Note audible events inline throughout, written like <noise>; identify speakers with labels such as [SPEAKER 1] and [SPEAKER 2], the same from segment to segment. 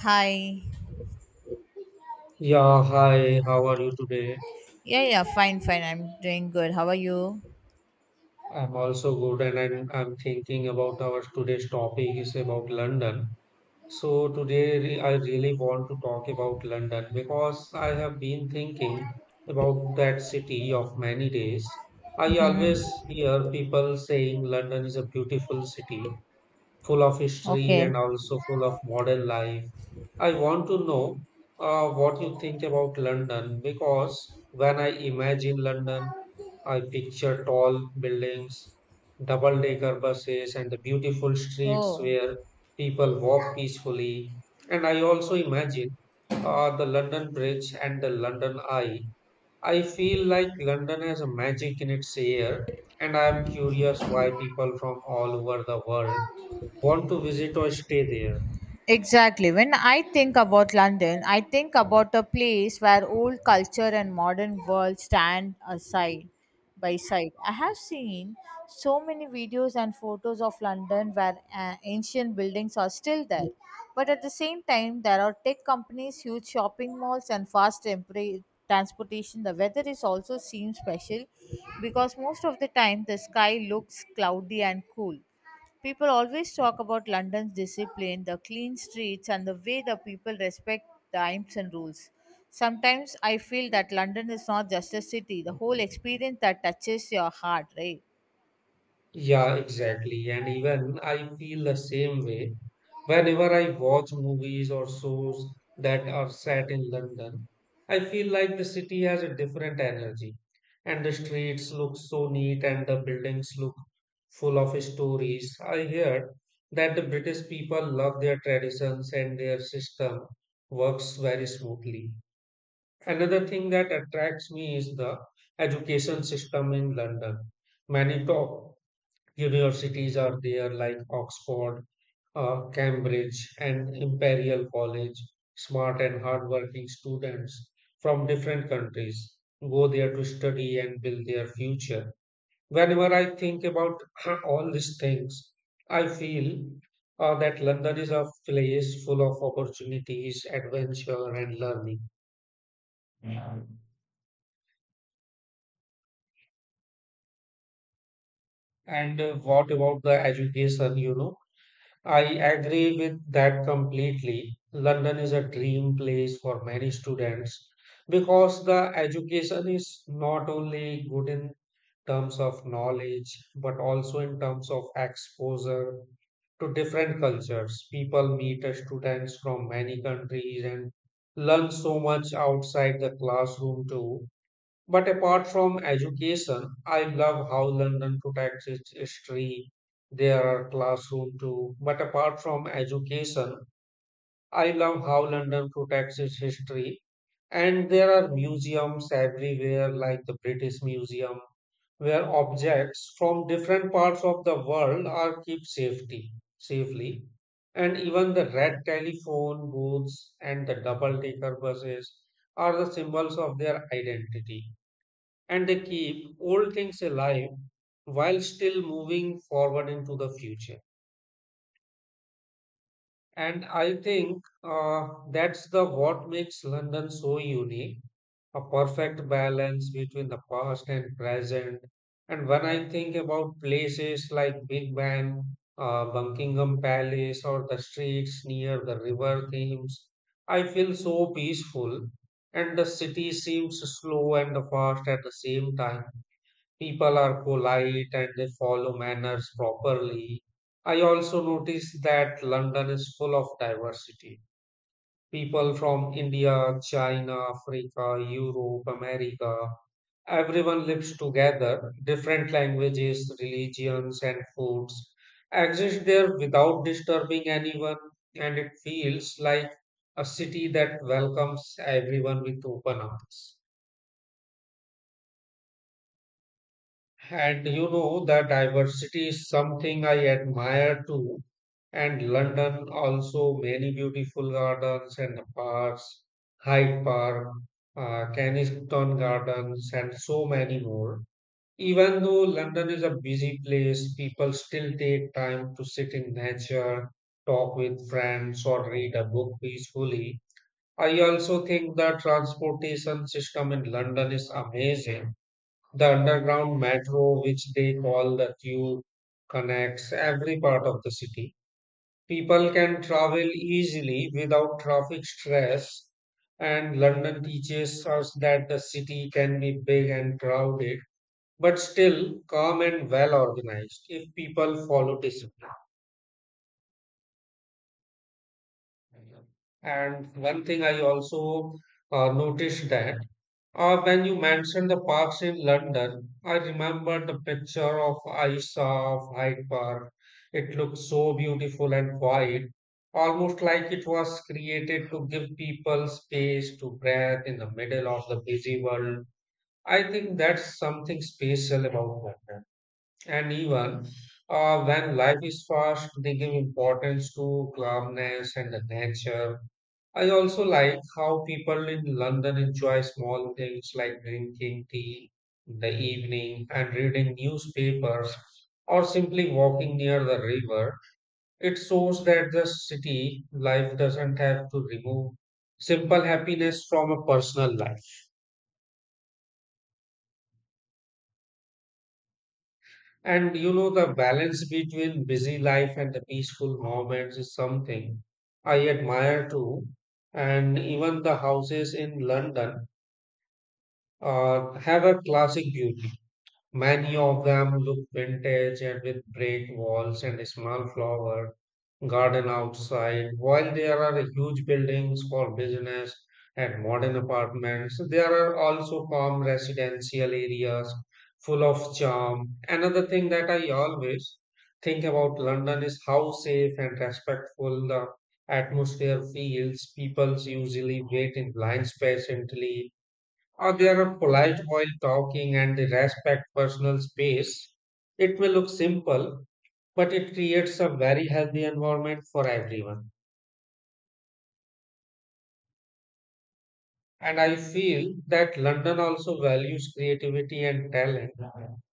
[SPEAKER 1] Hi.
[SPEAKER 2] Yeah, hi, how are you today?
[SPEAKER 1] Yeah, yeah, fine. I'm doing good. How are you?
[SPEAKER 2] I'm also good, and I'm thinking about our today's topic is about London. So I really want to talk about London because I have been thinking about that city of many days. I
[SPEAKER 1] Mm-hmm.
[SPEAKER 2] always hear people saying London is a beautiful city, full of history
[SPEAKER 1] Okay.
[SPEAKER 2] and also full of modern life. I want to know what you think about London because when I imagine London, I picture tall buildings, double decker buses, and the beautiful streets
[SPEAKER 1] Oh.
[SPEAKER 2] where people walk peacefully. And I also imagine the London Bridge and the London Eye. I feel like London has a magic in its air, and I am curious why people from all over the world want to visit or stay there.
[SPEAKER 1] Exactly. When I think about London, I think about a place where old culture and modern world stand aside by side. I have seen so many videos and photos of London where ancient buildings are still there. But at the same time, there are tech companies, huge shopping malls, and fast transportation. The weather is also seems special because most of the time the sky looks cloudy and cool. People always talk about London's discipline, the clean streets, and the way the people respect times and rules. Sometimes I feel that London is not just a city, the whole experience that touches your heart, right?
[SPEAKER 2] Yeah, exactly. And even I feel the same way. Whenever I watch movies or shows that are set in London, I feel like the city has a different energy. And the streets look so neat and the buildings look full of stories. I heard that the British people love their traditions and their system works very smoothly. Another thing that attracts me is the education system in London. Many top universities are there, like Oxford, Cambridge, and Imperial College. Smart and hardworking students from different countries go there to study and build their future. Whenever I think about <clears throat> all these things, I feel that London is a place full of opportunities, adventure, and learning. And what about the education, you know? I agree with that completely. London is a dream place for many students because the education is not only good in terms of knowledge, but also in terms of exposure to different cultures. People meet students from many countries and learn so much outside the classroom too. But apart from education, I love how London protects its history. There are classroom too. But apart from education, I love how London protects its history. And there are museums everywhere, like the British Museum, where objects from different parts of the world are kept safely. And even the red telephone booths and the double-decker buses are the symbols of their identity and they keep old things alive while still moving forward into the future. And I think that's the what makes London so unique, a perfect balance between the past and present. And when I think about places like Big Ben, Buckingham Palace, or the streets near the River Thames, I feel so peaceful. And the city seems slow and fast at the same time. People are polite and they follow manners properly. I also noticed that London is full of diversity. People from India, China, Africa, Europe, America, everyone lives together. Different languages, religions, and foods exist there without disturbing anyone, and it feels like a city that welcomes everyone with open arms. And you know, the diversity is something I admire too. And London also many beautiful gardens and parks, Hyde Park, Kensington Gardens, and so many more. Even though London is a busy place, people still take time to sit in nature, talk with friends, or read a book peacefully. I also think the transportation system in London is amazing, the underground metro, which they call the tube, connects every part of the city. People can travel easily without traffic stress, and London teaches us that the city can be big and crowded, but still calm and well organized if people follow discipline. And one thing I also noticed that when you mentioned the parks in London, I remember the picture of Aisha of Hyde Park. It looked so beautiful and quiet, almost like it was created to give people space to breathe in the middle of the busy world. I think that's something special about London. And even when life is fast, they give importance to calmness and the nature. I also like how people in London enjoy small things like drinking tea in the evening and reading newspapers or simply walking near the river. It shows that the city life doesn't have to remove simple happiness from a personal life. And you know, the balance between busy life and the peaceful moments is something I admire too. And even the houses in London have a classic beauty. Many of them look vintage and with brick walls and a small flower garden outside. While there are huge buildings for business and modern apartments, there are also calm residential areas full of charm. Another thing that I always think about London is how safe and respectful the atmosphere feels. People usually wait in lines patiently or they are polite while talking and they respect personal space, it may look simple, but it creates a very healthy environment for everyone. And I feel that London also values creativity and talent,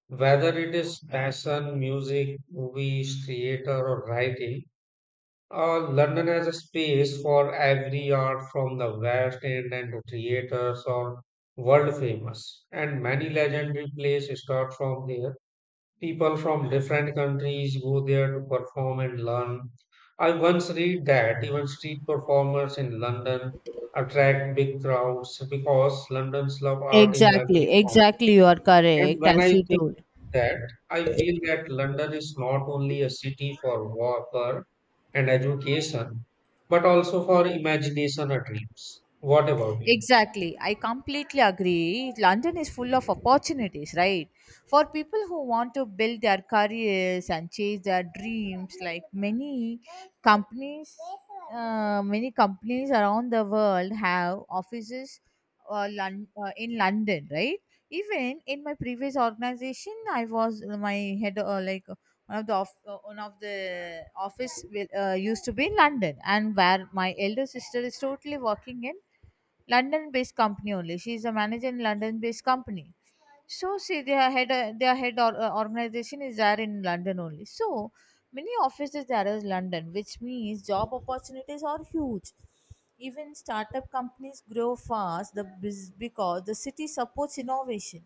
[SPEAKER 2] whether it is fashion, music, movies, theater, or writing. London has a space for every art from the West End and the theaters or world famous, and many legendary plays start from there, people from different countries go there to perform and learn. I once read that even street performers in London attract big crowds because London's love art in every
[SPEAKER 1] Exactly,
[SPEAKER 2] form.
[SPEAKER 1] exactly. You are
[SPEAKER 2] And
[SPEAKER 1] correct,
[SPEAKER 2] when
[SPEAKER 1] as
[SPEAKER 2] I
[SPEAKER 1] you
[SPEAKER 2] think
[SPEAKER 1] told.
[SPEAKER 2] that, I feel that London is not only a city for work and education, but also for imagination and dreams. What about you?
[SPEAKER 1] Exactly. I completely agree. London is full of opportunities, right? For people who want to build their careers and chase their dreams, like many companies, many companies around the world have offices in London, right? Even in my previous organization, I was my head, like one of the one of the office will, used to be in London, and where my elder sister is totally working in London-based company only. She is a manager in London-based company. So see, their head or, organization is there in London only. So many offices there is London, which means job opportunities are huge. Even startup companies grow fast because the city supports innovation.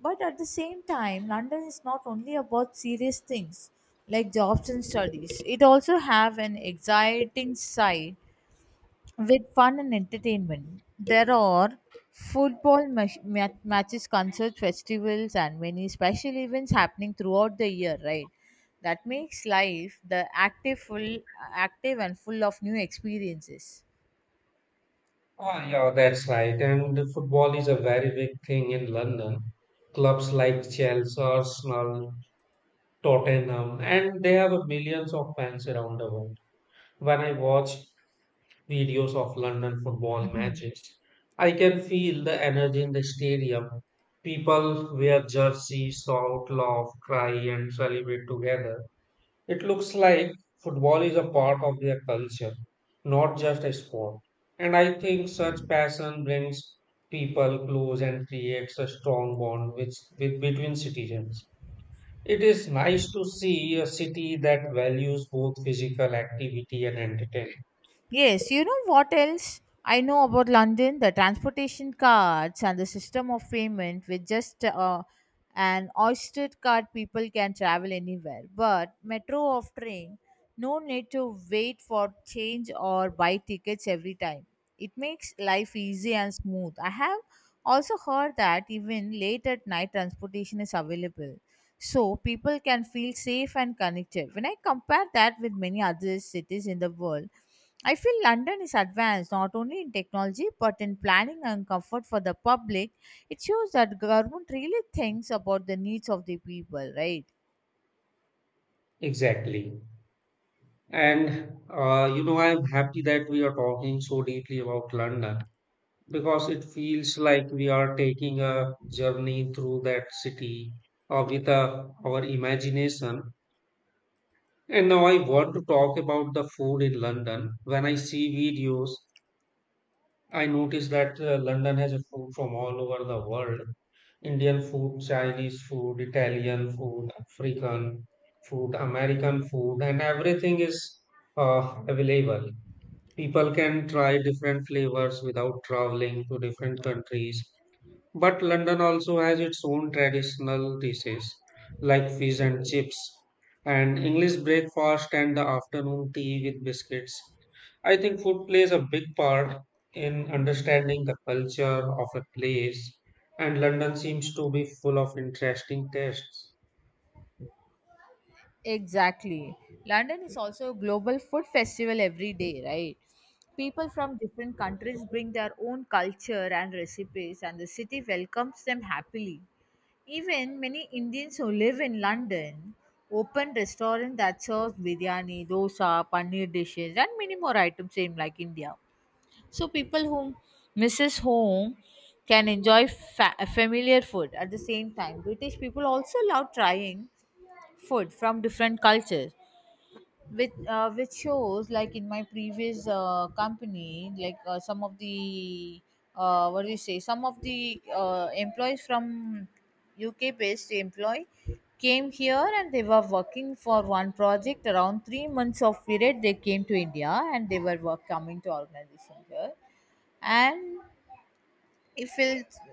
[SPEAKER 1] But at the same time, London is not only about serious things like jobs and studies. It also have an exciting side with fun and entertainment. There are football matches, concerts, festivals, and many special events happening throughout the year, right? That makes life active, and full of new experiences.
[SPEAKER 2] Ah, yeah, that's right. And football is a very big thing in London. Clubs like Chelsea, Arsenal, Tottenham, and they have millions of fans around the world. When I watch videos of London football
[SPEAKER 1] Mhm.
[SPEAKER 2] matches, I can feel the energy in the stadium. People wear jerseys, shout, laugh, cry, and celebrate together. It looks like football is a part of their culture, not just a sport. And I think such passion brings people close and creates a strong bond with between citizens. It is nice to see a city that values both physical activity and entertainment.
[SPEAKER 1] Yes, you know what else I know about London? The transportation cards and the system of payment with just an Oyster card, people can travel anywhere. But metro of train, no need to wait for change or buy tickets every time. It makes life easy and smooth. I have also heard that even late at night, transportation is available. So people can feel safe and connected. When I compare that with many other cities in the world, I feel London is advanced not only in technology but in planning and comfort for the public. It shows that government really thinks about the needs of the people, right?
[SPEAKER 2] Exactly. And you know, I'm happy that we are talking so deeply about London, because it feels like we are taking a journey through that city or with our imagination. And now I want to talk about the food in London. When I see videos, I notice that London has a food from all over the world. Indian food, Chinese food, Italian food, African food, American food, and everything is available. People can try different flavors without traveling to different countries. But London also has its own traditional dishes like fish and chips, and English breakfast and the afternoon tea with biscuits. I think food plays a big part in understanding the culture of a place, and London seems to be full of interesting tastes.
[SPEAKER 1] Exactly. London is also a global food festival every day, right? People from different countries bring their own culture and recipes, and the city welcomes them happily. Even many Indians who live in London open restaurants that serve biryani, dosa, paneer dishes, and many more items, same like India. So people who misses home can enjoy familiar food at the same time. British people also love trying food from different cultures. With which shows like in my previous company, like some of the what do you say? Some of the employees from UK based employee came here and they were working for one project around 3 months of period. They came to india and they were coming to organization here. And if i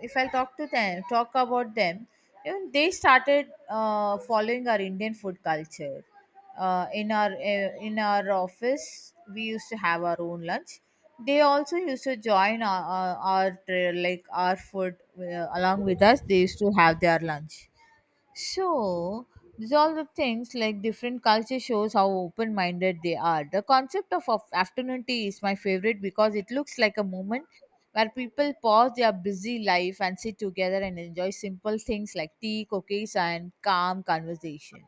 [SPEAKER 1] if i talk to them, talk about them, even they started following our Indian food culture. In our office, we used to have our own lunch. They also used to join like our food along with us. They used to have their lunch. So, these all the things like different culture shows how open minded they are. The concept of afternoon tea is my favorite because it looks like a moment where people pause their busy life and sit together and enjoy simple things like tea, cookies, and calm conversation.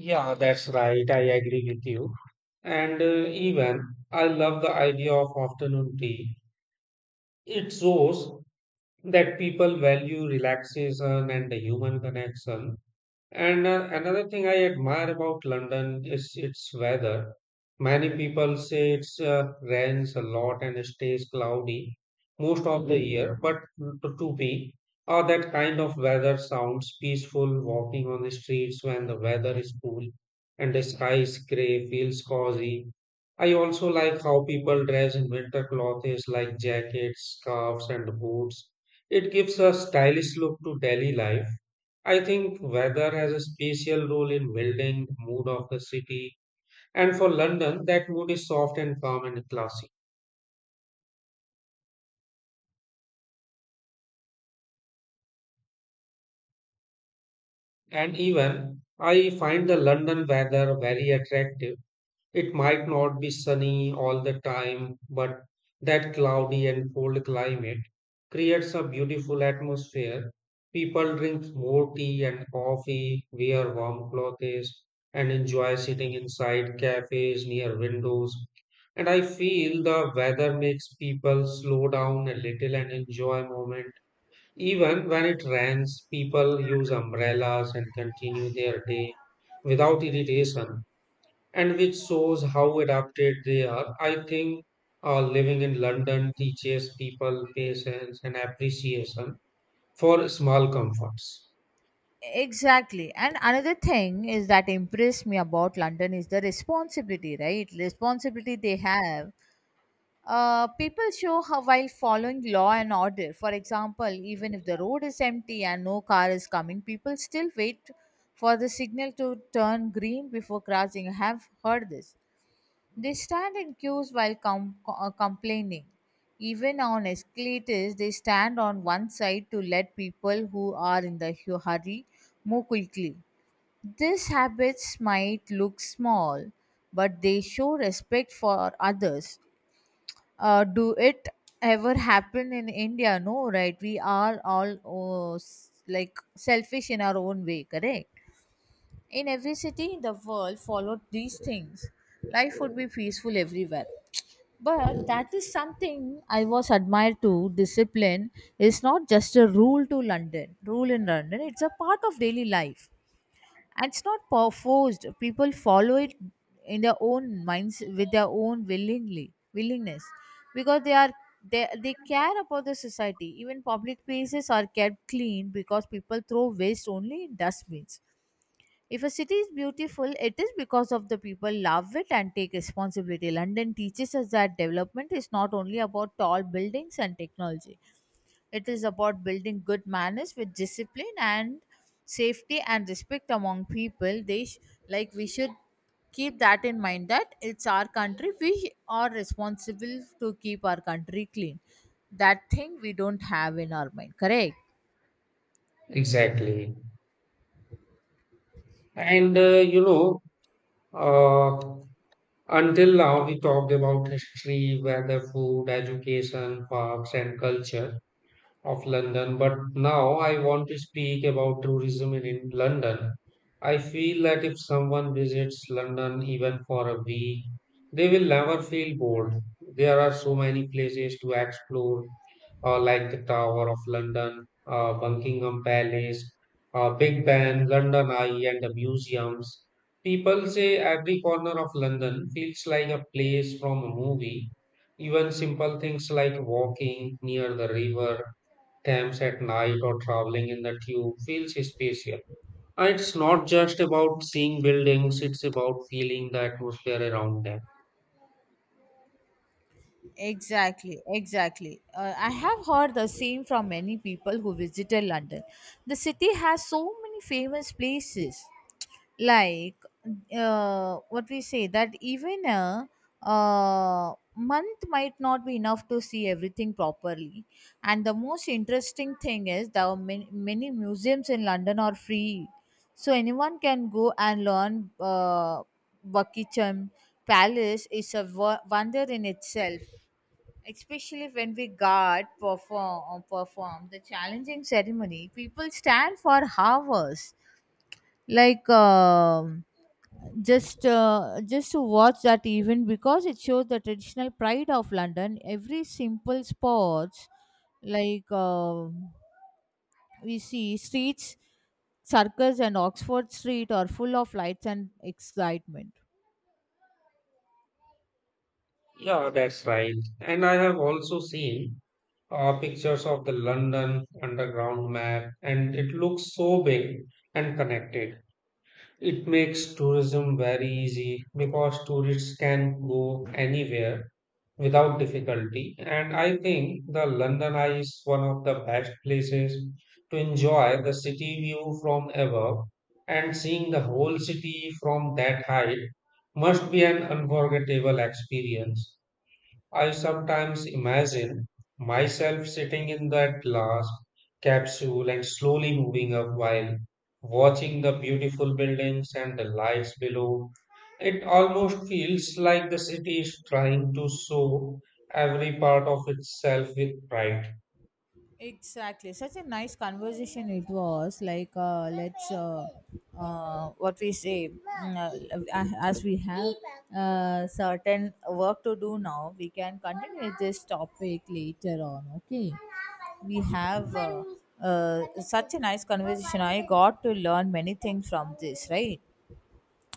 [SPEAKER 2] Yeah, that's right. I agree with you. And even I love the idea of afternoon tea. It shows that people value relaxation and the human connection, and another thing I admire about London is its weather. Many people say it's rains a lot and stays cloudy most of the year, but to me, that kind of weather sounds peaceful. Walking on the streets when the weather is cool and the sky is gray feels cozy. I also like how people dress in winter clothes like jackets, scarves, and boots. It gives a stylish look to daily life. I think weather has a special role in building the mood of the city, and for London, that mood is soft and calm and classy. And even I find the London weather very attractive. It might not be sunny all the time, but that cloudy and cold climate creates a beautiful atmosphere. People drink more tea and coffee, wear warm clothes, and enjoy sitting inside cafes near windows. And I feel the weather makes people slow down a little and enjoy moment. Even when it rains, people use umbrellas and continue their day without irritation and which shows how adapted they are. I think living in London teaches people patience and appreciation for small comforts.
[SPEAKER 1] Exactly. And another thing is that impressed me about London is the responsibility, right? Responsibility they have. People show how while following law and order. For example, even if the road is empty and no car is coming, people still wait for the signal to turn green before crossing. I have heard this. They stand in queues while complaining. Even on escalators, they stand on one side to let people who are in the hurry move quickly. These habits might look small, but they show respect for others. Do it ever happen in india? No, right? We are all like selfish in our own way, correct. In every city in the world followed these things, life would be peaceful everywhere. But that is something I was admired to. Discipline is not just a rule in london, it's a part of daily life. And it's not forced. People follow it in their own minds with their own willingly willingness, because they are they care about the society. Even public places are kept clean because people throw waste only in dustbins. If a city is beautiful, it is because of the people love it and take responsibility. London teaches us that development is not only about tall buildings and technology. It is about building good manners with discipline and safety and respect among people. Like we should keep that in mind that it's our country. We are responsible to keep our country clean. That thing we don't have in our mind. Correct.
[SPEAKER 2] Exactly. And you know, uh, until now we talked about history, weather, food, education, parks, and culture of London, but now I want to speak about tourism in London. I feel that if someone visits London even for a week, they will never feel bored. There are so many places to explore, like the Tower of London, Buckingham Palace, Big Ben, London Eye, and the museums. People say every corner of London feels like a place from a movie. Even simple things like walking near the river Camps at night or traveling in the tube feels spatial. And it's not just about seeing buildings, it's about feeling the atmosphere around them.
[SPEAKER 1] Exactly. I have heard the same from many people who visited London. The city has so many famous places, like what we say that even a month might not be enough to see everything properly. And the most interesting thing is there are many, many museums in London are free, so anyone can go and learn. Buckingham Palace is a wonder in itself, especially when we guard perform or perform the challenging ceremony. People stand for hours like just to watch that event because it shows the traditional pride of london. Every simple sports like we see streets circus and oxford street are full of lights and excitement.
[SPEAKER 2] Yeah, that's right. And I have also seen pictures of the London underground map, and it looks so big and connected. It makes tourism very easy because tourists can go anywhere without difficulty. And I think the London Eye is one of the best places to enjoy the city view from above. And seeing the whole city from that height must be an unforgettable experience. I sometimes imagine myself sitting in that glass capsule and slowly moving up while watching the beautiful buildings and the lights below. It almost feels like the city is trying to show every part of itself with pride.
[SPEAKER 1] Exactly. Such a nice conversation it was. Like, let's, what we say, mm, as we have certain work to do now, we can continue this topic later on. Okay. We have such a nice conversation. I got to learn many things from this, right?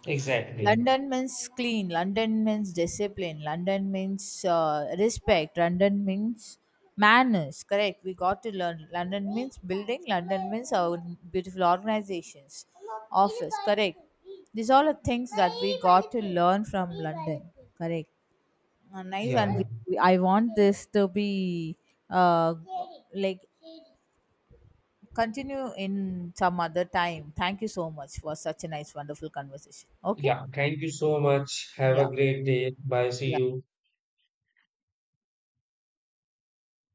[SPEAKER 2] Exactly.
[SPEAKER 1] London means clean. London means discipline. London means respect. London means manners. Correct. We got to learn. London means building. London means our beautiful organizations, office. Correct. These all are things that we got to learn from London. Correct. Nice.
[SPEAKER 2] Yeah,
[SPEAKER 1] And
[SPEAKER 2] yeah.
[SPEAKER 1] I want this to be uh, like continue in some other time. Thank you so much for such a nice, wonderful conversation. Okay.
[SPEAKER 2] Yeah. Thank you so much. Have a
[SPEAKER 1] Yeah.
[SPEAKER 2] great day. Bye. See
[SPEAKER 1] Yeah.
[SPEAKER 2] you.